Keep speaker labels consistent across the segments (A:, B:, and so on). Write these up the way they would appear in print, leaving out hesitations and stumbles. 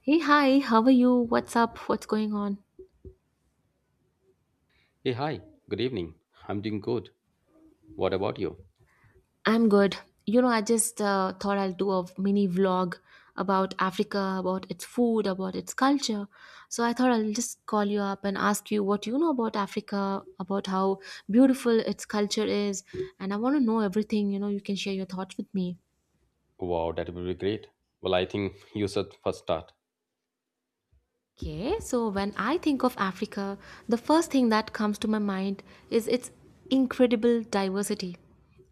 A: Hey, hi, how are you? What's up? What's going on?
B: Hey, hi. Good evening. I'm doing good. What about you?
A: I'm good. I just thought I'll do a mini vlog about Africa, about its food, about its culture. So I thought I'll just call you up and ask you what you know about Africa, about how beautiful its culture is. And I want to know everything. You know, you can share your thoughts with me.
B: Wow, that would be great. Well, I think you should first start.
A: Okay, so when I think of Africa, the first thing that comes to my mind is its incredible diversity.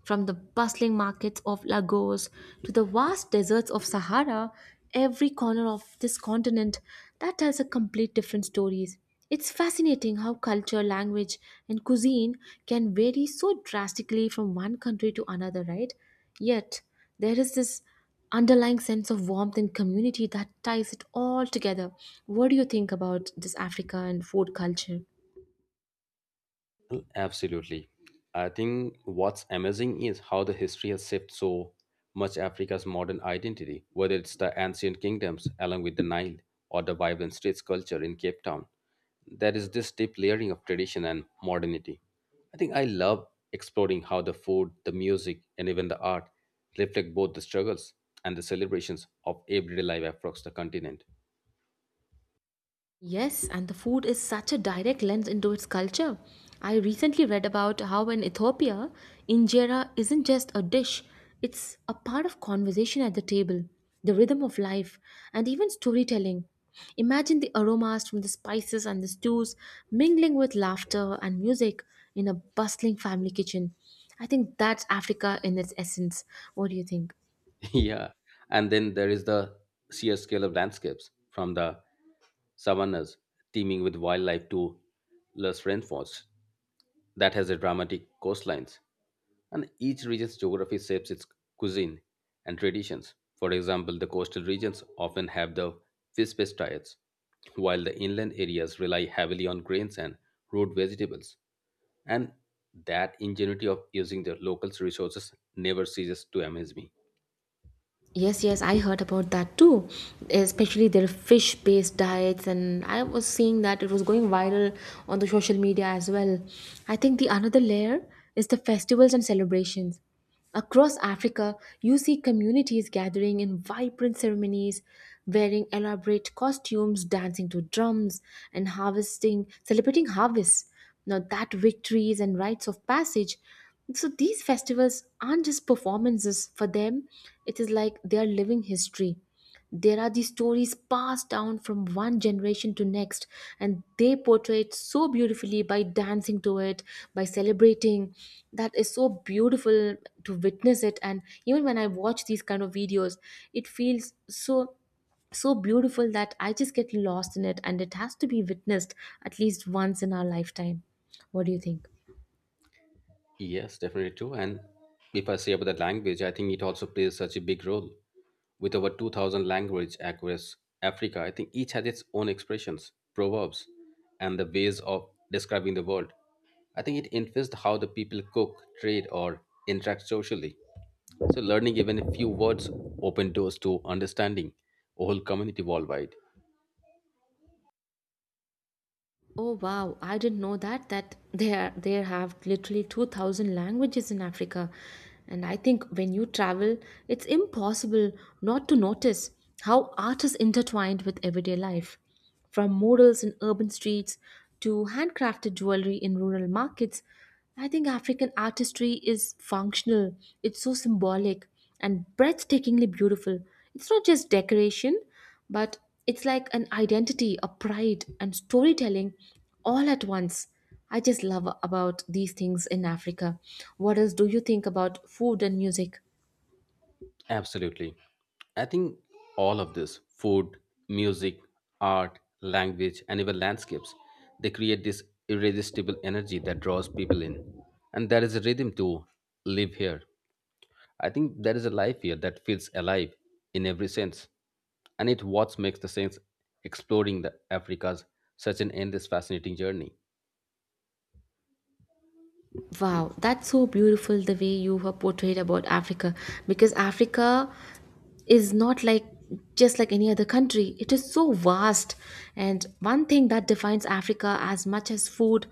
A: From the bustling markets of Lagos to the vast deserts of Sahara, every corner of this continent that tells a complete different stories. It's fascinating how culture, language, and cuisine can vary so drastically from one country to another, right? Yet there is this underlying sense of warmth and community that ties it all together. What do you think about this Africa and food culture?
B: Well, absolutely. I think what's amazing is how the history has shaped so much Africa's modern identity, whether it's the ancient kingdoms along with the Nile or the vibrant streets culture in Cape Town. There is this deep layering of tradition and modernity. I think I love exploring how the food, the music, and even the art reflect both the struggles and the celebrations of everyday life across the continent.
A: Yes, and the food is such a direct lens into its culture. I recently read about how in Ethiopia, injera isn't just a dish, it's a part of conversation at the table, the rhythm of life, and even storytelling. Imagine the aromas from the spices and the stews mingling with laughter and music in a bustling family kitchen. I think that's Africa in its essence. What do you think?
B: Yeah, and then there is the sheer scale of landscapes, from the savannas teeming with wildlife to lush rainforests that has a dramatic coastlines, and each region's geography shapes its cuisine and traditions. For example, the coastal regions often have the fish-based diets, while the inland areas rely heavily on grains and root vegetables. And that ingenuity of using the local resources never ceases to amaze me.
A: Yes, yes, I heard about that too. Especially their fish based diets, and I was seeing that it was going viral on the social media as well. I think the another layer is the festivals and celebrations. Across Africa, you see communities gathering in vibrant ceremonies, wearing elaborate costumes, dancing to drums, and harvesting, celebrating harvests. Now, that victories and rites of passage so these festivals aren't just performances for them, it is like they are living history. There are these stories passed down from one generation to next, and they portray it so beautifully by dancing to it, by celebrating. That is so beautiful to witness it. And even when I watch these kind of videos, it feels so beautiful that I just get lost in it and it has to be witnessed at least once in our lifetime. What do you think?
B: Yes, definitely true. And if I say about the language, I think it also plays such a big role. With over 2,000 language across Africa, I think each has its own expressions, proverbs, and the ways of describing the world. I think it influenced how the people cook, trade, or interact socially. So learning even a few words open doors to understanding a whole community worldwide.
A: Oh wow, I didn't know that there have literally 2,000 languages in Africa. And I think when you travel, it's impossible not to notice how art is intertwined with everyday life. From murals in urban streets to handcrafted jewelry in rural markets, I think African artistry is functional. It's so symbolic and breathtakingly beautiful. It's not just decoration, but it's like an identity, a pride, and storytelling all at once. I just love about these things in Africa. What else do you think about food and music?
B: Absolutely. I think all of this food, music, art, language, and even landscapes, they create this irresistible energy that draws people in. And there is a rhythm to live here. I think there is a life here that feels alive in every sense. And it what makes the sense exploring the Africa's such an endless fascinating journey.
A: Wow, that's so beautiful the way you have portrayed about Africa because Africa is not like just like any other country. It is so vast, and one thing that defines Africa as much as food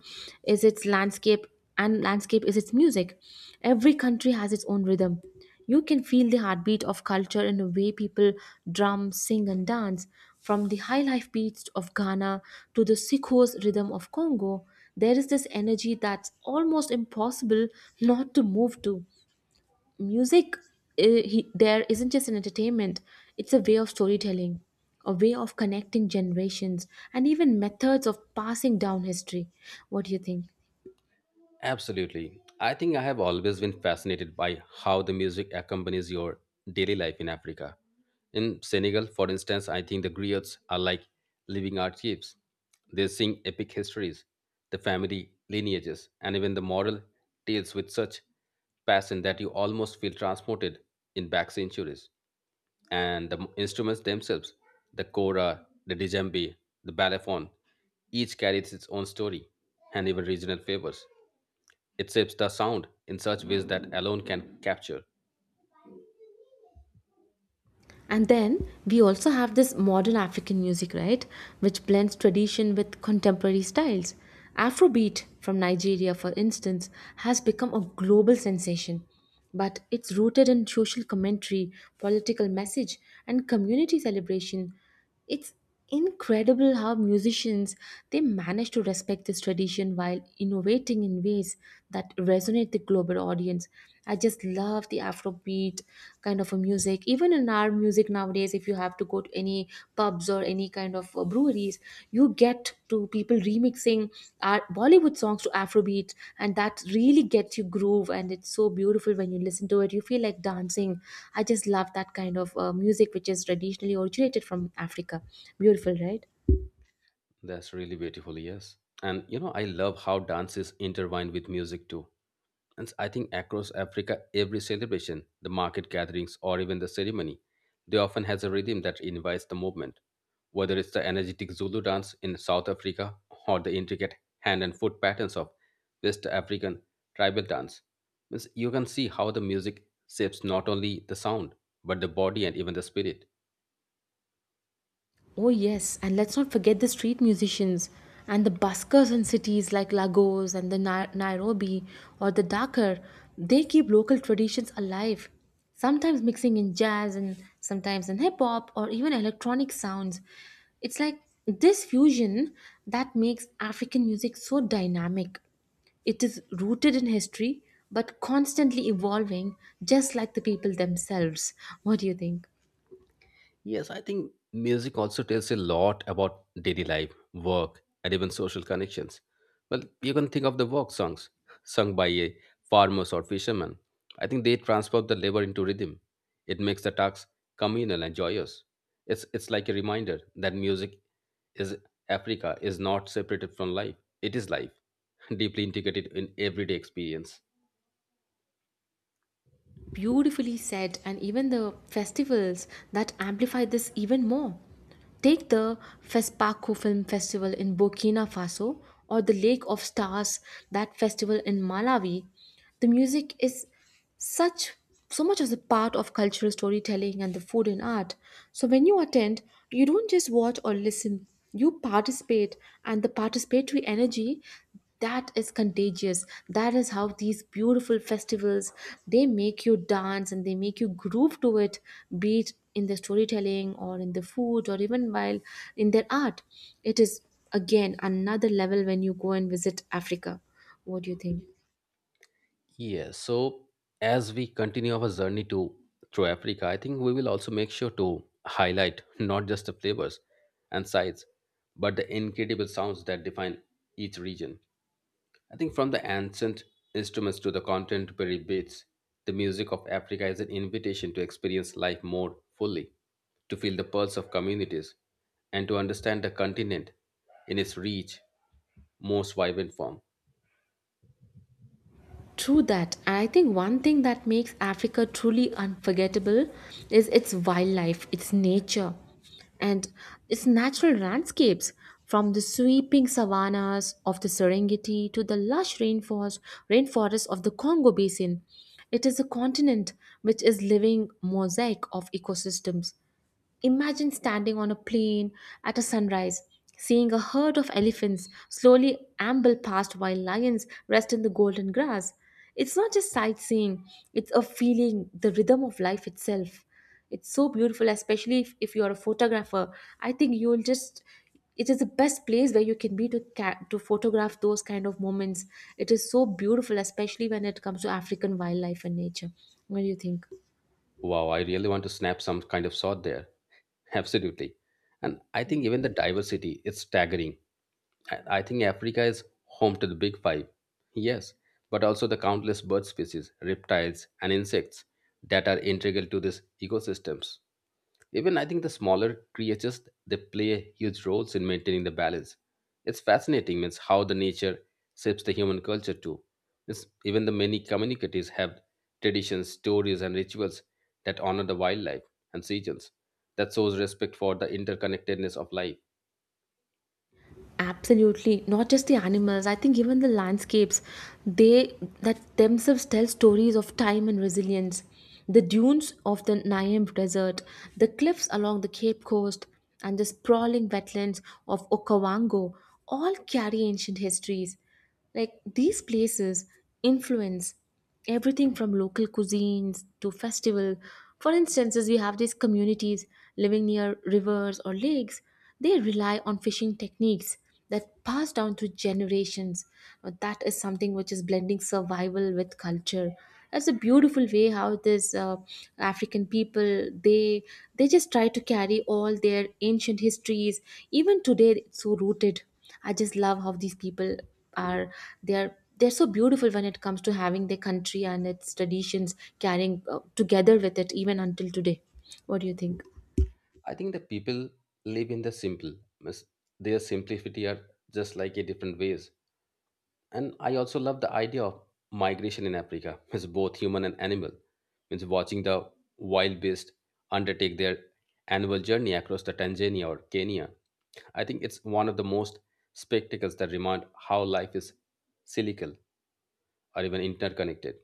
A: is its landscape, and landscape is its music. Every country has its own rhythm. You can feel the heartbeat of culture in the way people drum, sing, and dance. From the high life beats of Ghana to the sikho's rhythm of Congo, there is this energy that's almost impossible not to move to. Music there isn't just an entertainment, it's a way of storytelling, a way of connecting generations, and even methods of passing down history. What do you think?
B: Absolutely. I think I have always been fascinated by how the music accompanies your daily life in Africa. In Senegal, for instance, I think the griots are like living archives. They sing epic histories, the family lineages, and even the moral tales with such passion that you almost feel transported in back centuries. And the instruments themselves, the kora, the djembe, the balafon, each carries its own story and even regional flavors it shapes the sound in such ways that alone can capture.
A: And then we also have this modern African music, right, which blends tradition with contemporary styles. Afrobeat from Nigeria, for instance, has become a global sensation, but it's rooted in social commentary, political message, and community celebration. It's incredible how musicians, they manage to respect this tradition while innovating in ways that resonate the global audience. I just love the Afrobeat kind of a music. Even in our music nowadays, if you have to go to any pubs or any kind of breweries, you get to people remixing our Bollywood songs to Afrobeat, and that really gets you groove. And it's so beautiful when you listen to it. You feel like dancing. I just love that kind of music, which is traditionally originated from Africa. Beautiful, right?
B: That's really beautiful, yes. And you know, I love how dance is intertwined with music too. And I think across Africa, every celebration, the market gatherings, or even the ceremony, they often has a rhythm that invites the movement. Whether it's the energetic Zulu dance in South Africa or the intricate hand and foot patterns of West African tribal dance, means you can see how the music shapes not only the sound but the body and even the spirit.
A: Oh, yes, and let's not forget the street musicians and the buskers in cities like Lagos and the Nairobi or the Dakar. They keep local traditions alive, sometimes mixing in jazz and sometimes in hip hop or even electronic sounds. It's like this fusion that makes African music so dynamic. It is rooted in history but constantly evolving, just like the people themselves. What do you think?
B: Yes, I think music also tells a lot about daily life, work, and even social connections. Well, you can think of the work songs sung by a farmers or fishermen. I think they transform the labor into rhythm. It makes the task communal and joyous. It's like a reminder that music is Africa is not separated from life. It is life, deeply integrated in everyday experience.
A: Beautifully said, and even the festivals that amplify this even more. Take the FESPACO Film Festival in Burkina Faso or the Lake of Stars, that festival in Malawi. The music is such so much as a part of cultural storytelling and the food and art. So when you attend, you don't just watch or listen, you participate, and the participatory energy that is contagious, that is how these beautiful festivals, they make you dance and they make you groove to it, be it in the storytelling or in the food or even while in their art. It is, again, another level when you go and visit Africa. What do you think?
B: Yes. So as we continue our journey to through Africa, I think we will also make sure to highlight not just the flavors and sides, but the incredible sounds that define each region. I think from the ancient instruments to the contemporary beats, the music of Africa is an invitation to experience life more fully, to feel the pulse of communities, and to understand the continent in its rich, most vibrant form.
A: True that. I think one thing that makes Africa truly unforgettable is its wildlife, its nature, and its natural landscapes. From the sweeping savannas of the Serengeti to the rainforests of the Congo Basin, it is a continent which is living mosaic of ecosystems. Imagine standing on a plain at a sunrise, seeing a herd of elephants slowly amble past while lions rest in the golden grass. It's not just sightseeing, it's a feeling, the rhythm of life itself. It's so beautiful, especially if you're a photographer. I think you'll just it is the best place where you can be to to photograph those kind of moments. It is so beautiful, especially when it comes to African wildlife and nature. What do you think?
B: Wow, I really want to snap some kind of shot there. Absolutely. And I
A: Hmm.
B: think even the diversity is staggering. I think Africa is home to the big five. Yes, but also the countless bird species, reptiles, and insects that are integral to these ecosystems. Even I think the smaller creatures they play huge roles in maintaining the balance. It's fascinating, means how the nature shapes the human culture too. It's, even the many communities have traditions, stories, and rituals that honor the wildlife and seasons. That shows respect for the interconnectedness of life.
A: Absolutely, not just the animals, I think even the landscapes, they that themselves tell stories of time and resilience. The dunes of the Namib desert, the cliffs along the Cape Coast, and the sprawling wetlands of Okavango all carry ancient histories, like these places influence everything from local cuisines to festival. For instances, we have these communities living near rivers or lakes. They rely on fishing techniques that pass down through generations. Now, that is something which is blending survival with culture. That's a beautiful way how this African people, they just try to carry all their ancient histories even today. It's so rooted. I just love how these people are, they're so beautiful when it comes to having their country and its traditions carrying together with it even until today. What do you think?
B: I think the people live in the simple, means their simplicity are just like a different ways. And I also love the idea of migration in Africa, as both human and animal. Means watching the wild beasts undertake their annual journey across the Tanzania or Kenya. I think it's one of the most spectacles that remind how life is cyclical or even interconnected.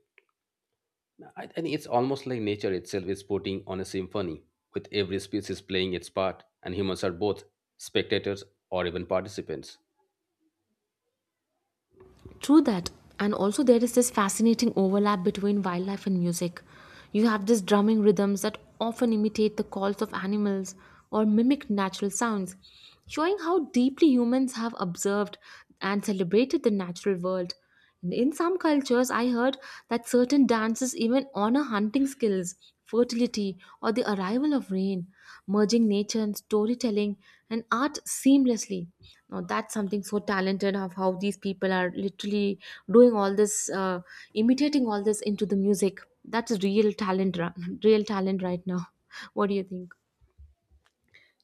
B: I think it's almost like nature itself is putting on a symphony, with every species playing its part, and humans are both spectators or even participants.
A: True that. And also, there is this fascinating overlap between wildlife and music. You have these drumming rhythms that often imitate the calls of animals or mimic natural sounds, showing how deeply humans have observed and celebrated the natural world. And in some cultures, I heard that certain dances even honor hunting skills, fertility, or the arrival of rain, merging nature and storytelling and art seamlessly. Now, that's something so talented of how these people are literally doing all this, imitating all this into the music. That's real talent, real talent right now. What do you think?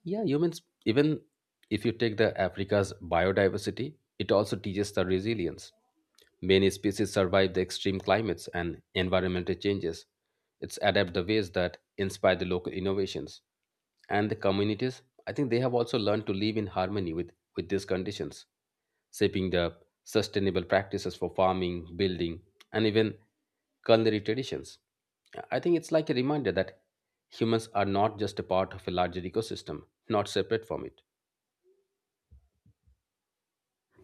B: Yeah, humans, even if you take the Africa's biodiversity, it also teaches the resilience. Many species survive the extreme climates and environmental changes. It's adapt the ways that inspire the local innovations. And the communities, I think they have also learned to live in harmony with these conditions shaping the sustainable practices for farming, building, and even culinary traditions. I think it's like a reminder that humans are not just a part of a larger ecosystem, not separate from it.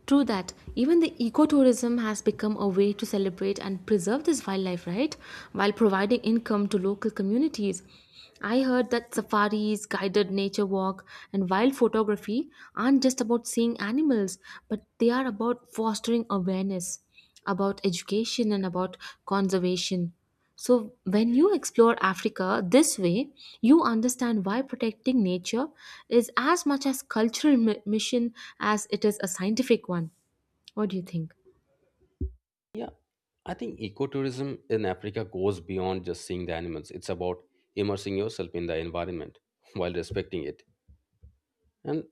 A: True that. Even the ecotourism has become a way to celebrate and preserve this wildlife, right? While providing income to local communities. I heard that safaris, guided nature walk, and wild photography aren't just about seeing animals, but they are about fostering awareness, about education, and about conservation. So, when you explore Africa this way, you understand why protecting nature is as much a cultural mission as it is a scientific one. What do you think?
B: Yeah, I think ecotourism in Africa goes beyond just seeing the animals. It's about immersing yourself in the environment while respecting it. And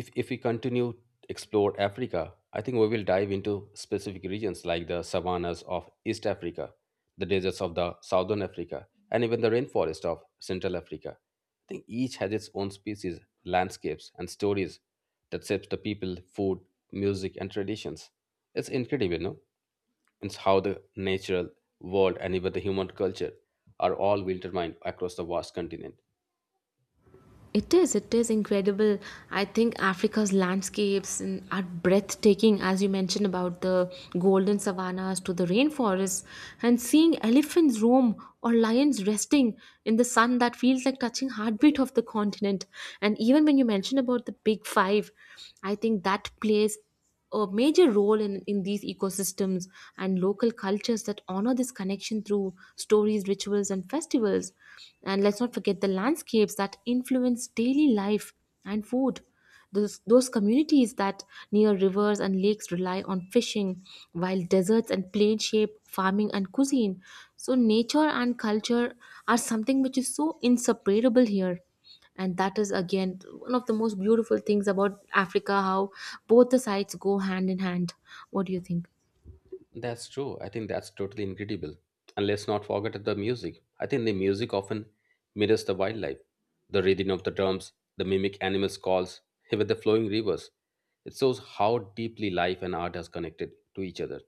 B: if we continue explore Africa, I think we will dive into specific regions like the savannas of East Africa, the deserts of the Southern Africa, and even the rainforest of Central Africa. I think each has its own species, landscapes, and stories that shapes the people, food, music, and traditions. It's incredible no it's how the natural world and even the human culture are all intertwined across the vast continent.
A: It is incredible. I think Africa's landscapes and are breathtaking, as you mentioned about the golden savannas to the rainforests, and seeing elephants roam or lions resting in the sun that feels like touching heartbeat of the continent. And even when you mention about the big five, I think that place a major role in these ecosystems and local cultures that honor this connection through stories, rituals, and festivals. And let's not forget the landscapes that influence daily life and food. Those communities that near rivers and lakes rely on fishing, while deserts and plain shape farming and cuisine. So, nature and culture are something which is so inseparable here, and that is, again, one of the most beautiful things about Africa, how both the sides go hand in hand. What do you think?
B: That's true. I think that's totally incredible. And let's not forget the music. I think the music often mirrors the wildlife, the rhythm of the drums, the mimic animals' calls, even the flowing rivers. It shows how deeply life and art are connected to each other.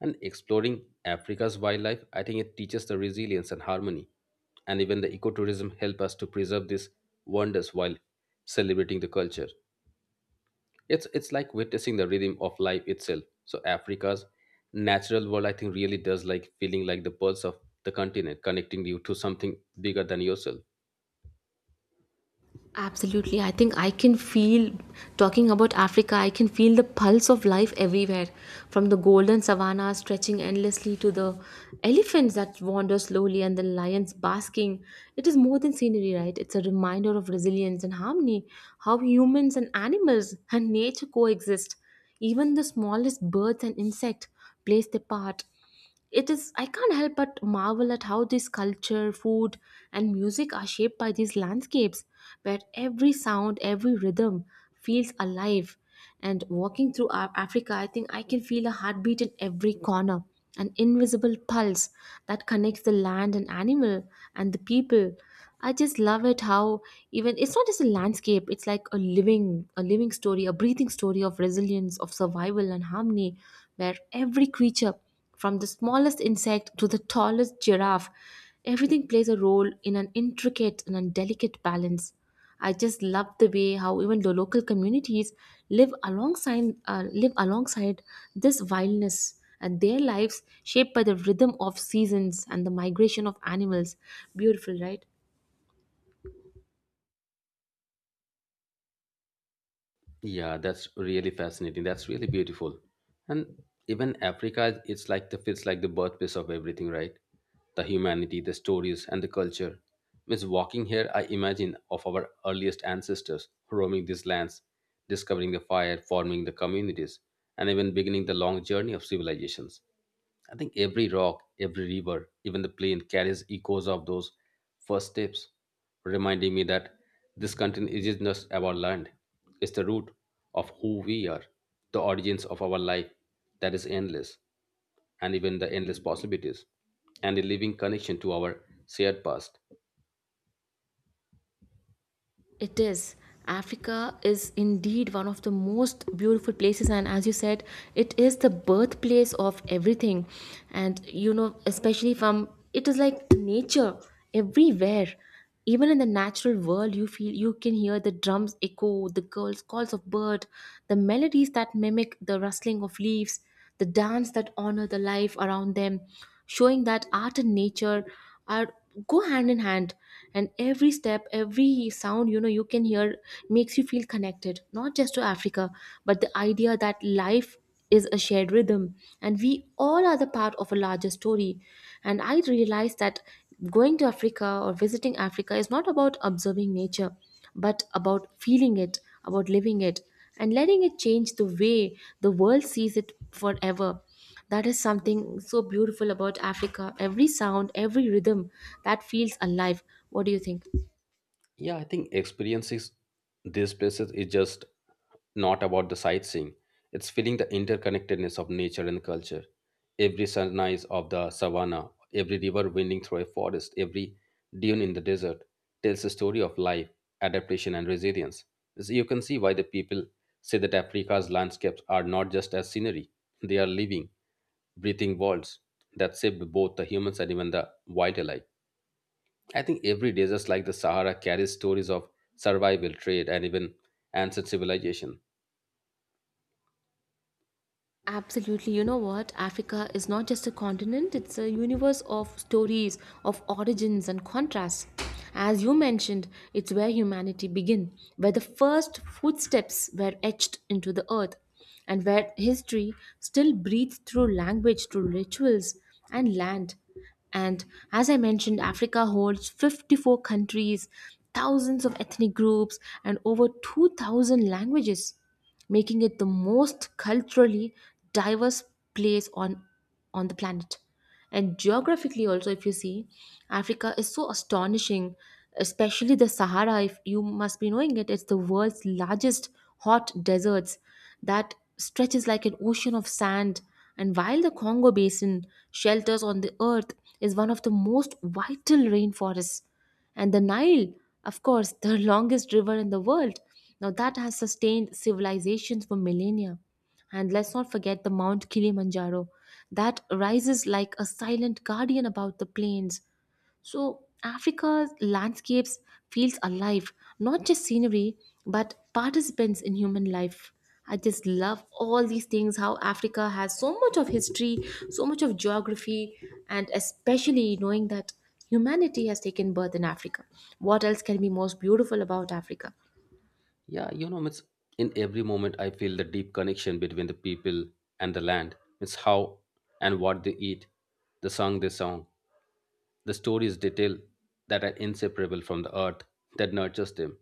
B: And exploring Africa's wildlife, I think it teaches the resilience and harmony. And even the ecotourism help us to preserve these wonders while celebrating the culture. It's like witnessing the rhythm of life itself. So Africa's natural world, I think, really does like feeling like the pulse of the continent, connecting you to something bigger than yourself.
A: Absolutely. I think I can feel, talking about Africa, I can feel the pulse of life everywhere, from the golden savanna stretching endlessly to the elephants that wander slowly and the lions basking. It is more than scenery, right? It's a reminder of resilience and harmony, how humans and animals and nature coexist. Even the smallest birds and insects plays their part. It is, I can't help but marvel at how this culture, food, and music are shaped by these landscapes, where every sound, every rhythm feels alive. And walking through Africa, I think I can feel a heartbeat in every corner, an invisible pulse that connects the land and animal and the people. I just love it how even it's not just a landscape, it's like a living story, a breathing story of resilience, of survival and harmony, where every creature from the smallest insect to the tallest giraffe, everything plays a role in an intricate and a delicate balance. I just love the way how even the local communities live alongside this wildness and their lives shaped by the rhythm of seasons and the migration of animals. Beautiful, right?
B: Yeah, that's really fascinating. That's really beautiful. And even Africa, it's like the feels like the birthplace of everything, right? The humanity, the stories, and the culture. Means walking here, I imagine of our earliest ancestors roaming these lands, discovering the fire, forming the communities, and even beginning the long journey of civilizations. I think every rock, every river, even the plain carries echoes of those first steps, reminding me that this continent isn't just about land. It's the root of who we are, the origins of our life that is endless, and even the endless possibilities, and a living connection to our shared past.
A: It is. Africa is indeed one of the most beautiful places, and as you said, it is the birthplace of everything. And you know, especially from it is like nature everywhere. Even in the natural world, you feel you can hear the drums echo, the girls' calls of bird, the melodies that mimic the rustling of leaves, the dance that honor the life around them, showing that art and nature are go hand in hand, and every step, every sound, you know, you can hear makes you feel connected not just to Africa, but the idea that life is a shared rhythm, and we all are the part of a larger story. And I realized that going to Africa or visiting Africa is not about observing nature but about feeling it, about living it, and letting it change the way the world sees it forever. That is something so beautiful about Africa. Every sound, every rhythm that feels alive. What do you think?
B: Yeah, I think experiences these places is just not about the sightseeing. It's feeling the interconnectedness of nature and culture. Every sunrise of the savannah, every river winding through a forest, every dune in the desert tells a story of life, adaptation, and resilience. So you can see why the people say that Africa's landscapes are not just as scenery, they are living, breathing worlds that shape both the humans and even the wild alike. I think every desert like the Sahara carries stories of survival, trade, and even ancient civilization.
A: Absolutely. You know what? Africa is not just a continent, it's a universe of stories, of origins and contrasts. As you mentioned, it's where humanity began, where the first footsteps were etched into the earth, and where history still breathes through language, through rituals and land. And as I mentioned, Africa holds 54 countries, thousands of ethnic groups, and over 2,000 languages, making it the most culturally diverse place on the planet. And geographically, also, if you see, Africa is so astonishing, especially the Sahara. If you must be knowing it, it's the world's largest hot deserts that stretches like an ocean of sand, and while the Congo Basin shelters on the earth is one of the most vital rainforests, and the Nile, of course, the longest river in the world, now that has sustained civilizations for millennia. And let's not forget the Mount Kilimanjaro that rises like a silent guardian about the plains. So Africa's landscapes feels alive, not just scenery, but participants in human life. I just love all these things how Africa has so much of history, so much of geography, and especially knowing that humanity has taken birth in Africa. What else can be most beautiful about Africa?
B: Yeah, you know, it's in every moment I feel the deep connection between the people and the land. It's how and what they eat, the song they song, the stories they tell that are inseparable from the earth that nurtures them.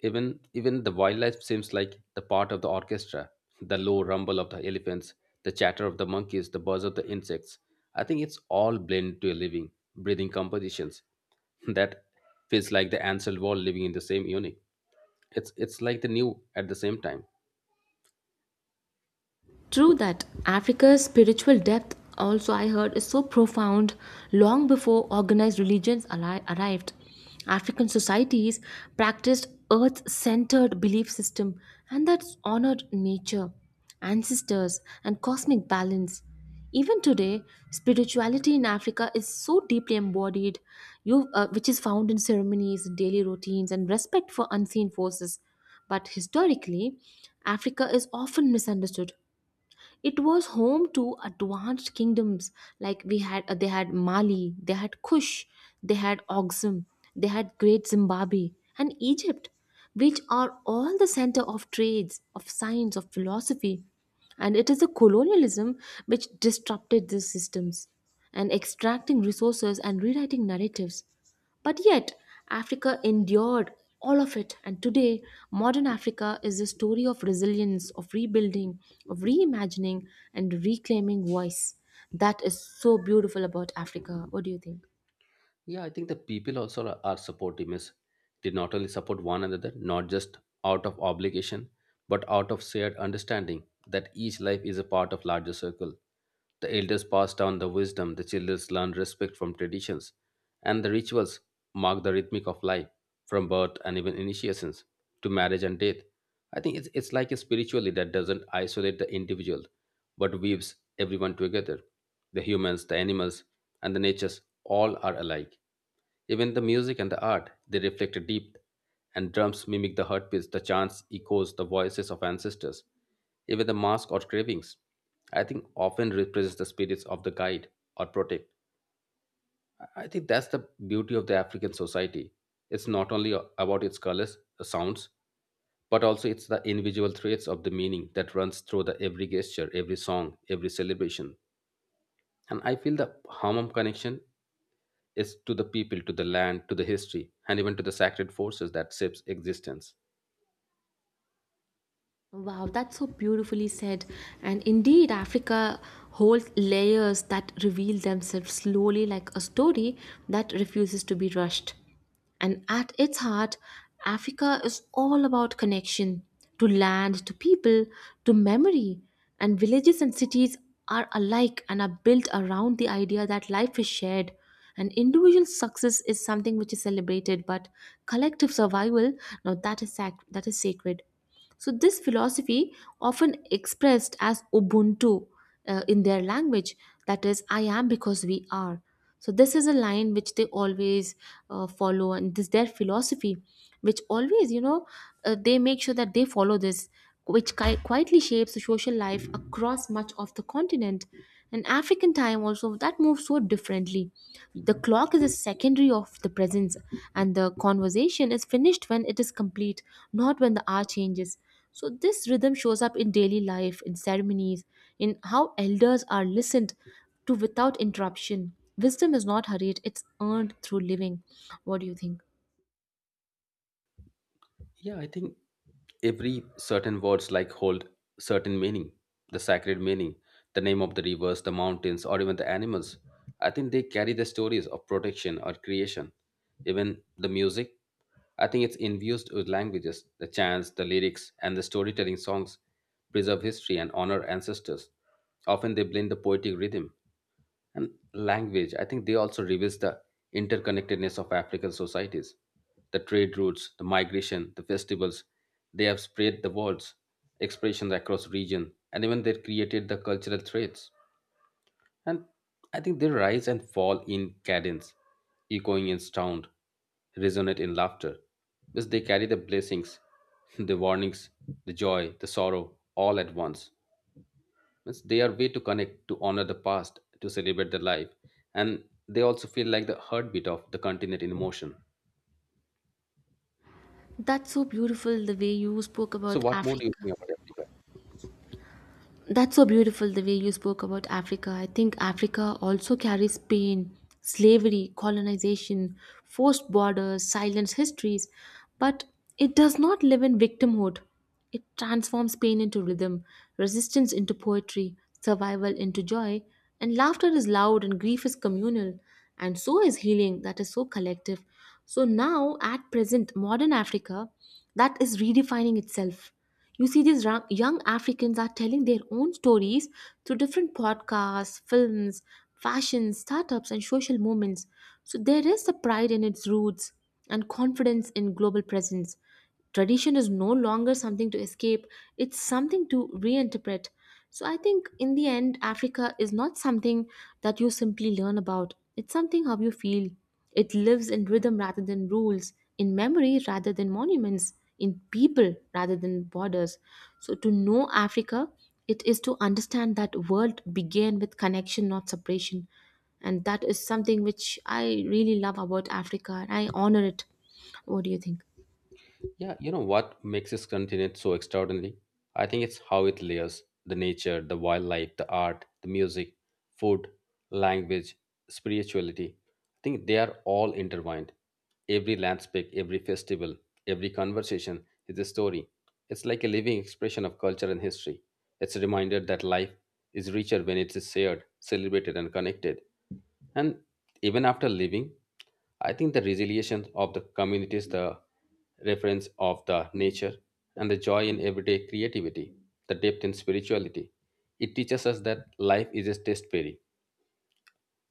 B: Even the wildlife seems like the part of the orchestra, the low rumble of the elephants, the chatter of the monkeys, the buzz of the insects. I think it's all blended to a living, breathing compositions that feels like the ancient world living in the same unit it's like the new at the same time.
A: True that Africa's spiritual depth, also I heard, is so profound long before organized religions arrived. African societies practiced earth centered belief system and that honored nature, ancestors, and cosmic balance. Even today, spirituality in Africa is so deeply embodied, which is found in ceremonies, daily routines, and respect for unseen forces. But historically, Africa is often misunderstood. It was home to advanced kingdoms like we had they had Mali, they had Kush, they had Oxum, they had Great Zimbabwe and Egypt, which are all the center of trades, of science, of philosophy. And it is the colonialism which disrupted these systems and extracting resources and rewriting narratives. But yet, Africa endured all of it, and today, modern Africa is a story of resilience, of rebuilding, of reimagining, and reclaiming voice. That is so beautiful about Africa. What do you think?
B: Yeah, I think the people also are supportive, means they not only support one another, not just out of obligation, but out of shared understanding that each life is a part of larger circle. The elders pass down the wisdom, the children learn respect from traditions, and the rituals mark the rhythmic of life, from birth and even initiations to marriage and death. I think it's like a spiritually that doesn't isolate the individual what weaves everyone together. The humans, the animals, and the natures all are alike. Even the music and the art, they reflect a deep, and drums mimic the heartbeats, the chants echoes the voices of ancestors. Even the mask or cravings, I think, often represents the spirits of the guide or protect. I think that's the beauty of the African society. It's not only about its colors, sounds, but also it's the individual threads of the meaning that runs through the every gesture, every song, every celebration. And I feel the Hamam connection is to the people, to the land, to the history, and even to the sacred forces that shapes existence.
A: Wow, that's so beautifully said. And indeed, Africa holds layers that reveal themselves slowly, like a story that refuses to be rushed. And at its heart, Africa is all about connection to land, to people, to memory. And villages and cities are alike and are built around the idea that life is shared. And individual success is something which is celebrated, but collective survival, now that is that is sacred. So, this philosophy, often expressed as Ubuntu in their language, that is, I am because we are. So, this is a line which they always follow, and this their philosophy, which always, you know, they make sure that they follow this which quietly shapes the social life across much of the continent. And African time also that moves so differently. The clock is a secondary of the presence, and the conversation is finished when it is complete, not when the hour changes. So this rhythm shows up in daily life, in ceremonies, in how elders are listened to without interruption. Wisdom is not hurried; it's earned through living. What do you think?
B: Yeah, I think every certain words like hold certain meaning, the sacred meaning, the name of the rivers, the mountains, or even the animals. I think they carry the stories of protection or creation. Even the music, I think it's infused with languages. The chants, the lyrics, and the storytelling songs preserve history and honor ancestors. Often they blend the poetic rhythm and language. I think they also reveals the interconnectedness of African societies, the trade routes, the migration, the festivals. They have spread the words expressions across region, and even they created the cultural threads. And I think they rise and fall in cadence, echoing in sound, resonate in laughter, because they carry the blessings, the warnings, the joy, the sorrow, all at once. Means they are way to connect, to honor the past, to celebrate the life, and they also feel like the heartbeat of the continent in motion.
A: That's so beautiful the way you spoke
B: So,
A: about
B: what more do you
A: Africa.
B: think about Africa?
A: That's so beautiful the way you spoke about Africa. I think Africa also carries pain, slavery, colonization, forced borders, silenced histories, but it does not live in victimhood. It transforms pain into rhythm, resistance into poetry, survival into joy, and laughter is loud and grief is communal, and so is healing that is so collective. So now, at present, modern Africa that is redefining itself. You see, these young Africans are telling their own stories through different podcasts, films, fashion, startups, and social movements. So there is a pride in its roots and confidence in global presence. Tradition is no longer something to escape, it's something to reinterpret. So I think in the end, Africa is not something that you simply learn about. It's something how you feel. It lives in rhythm rather than rules, in memory rather than monuments, in people rather than borders. So to know Africa, it is to understand that world began with connection, not separation. And that is something which I really love about Africa, and I honor it. What do you think?
B: Yeah, you know what makes this continent so extraordinary? I think it's how it layers the nature, the wildlife, the art, the music, food, language, spirituality. I think they are all intertwined. Every landscape, every festival, every conversation is a story. It's like a living expression of culture and history. It's a reminder that life is richer when it is shared, celebrated, and connected. And even after leaving, I think the resilience of the communities, the reference of the nature, and the joy in everyday creativity, the depth in spirituality, it teaches us that life is a test berry.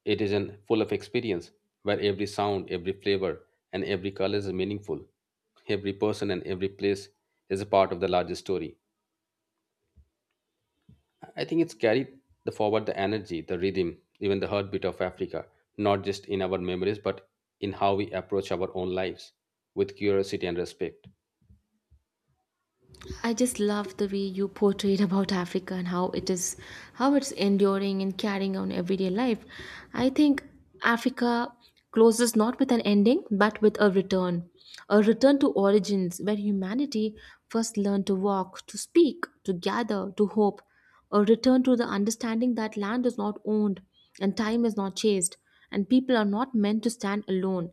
B: It is an full of experience where every sound, every flavor, and every color is meaningful. Every person and every place is a part of the larger story. I think it's carried the forward the energy, the rhythm, even the heartbeat of Africa, not just in our memories, but in how we approach our own lives with curiosity and respect.
A: I just love the way you portrayed about Africa and how it is how it's enduring and carrying on everyday life. I think Africa closes not with an ending but with a return. A return to origins where humanity first learned to walk, to speak, to gather, to hope. A return to the understanding that land is not owned and time is not chased and people are not meant to stand alone.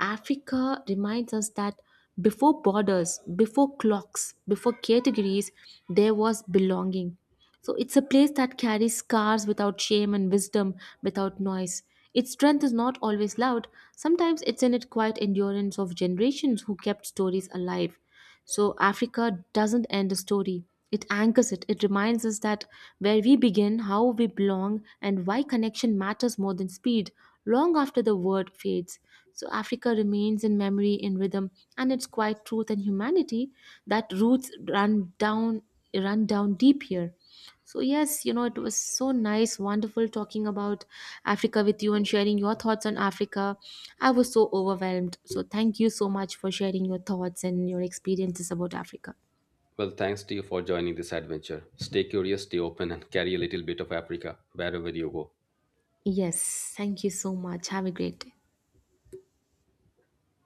A: Africa reminds us that before borders, before clocks, before categories, there was belonging. So it's a place that carries scars without shame and wisdom without noise. Its strength is not always loud, sometimes it's in its quiet endurance of generations who kept stories alive. So Africa doesn't end a story. It anchors it. It reminds us that where we begin, how we belong, and why connection matters more than speed, long after the word fades. So Africa remains in memory, in rhythm, and its quiet truth and humanity that roots run down deep here. So yes, you know it was so nice, wonderful talking about Africa with you and sharing your thoughts on Africa. I was so overwhelmed. So thank you so much for sharing your thoughts and your experiences about Africa.
B: Well, thanks to you for joining this adventure. Stay curious, stay open, and carry a little bit of Africa wherever you go.
A: Yes, thank you so much. Have a great day.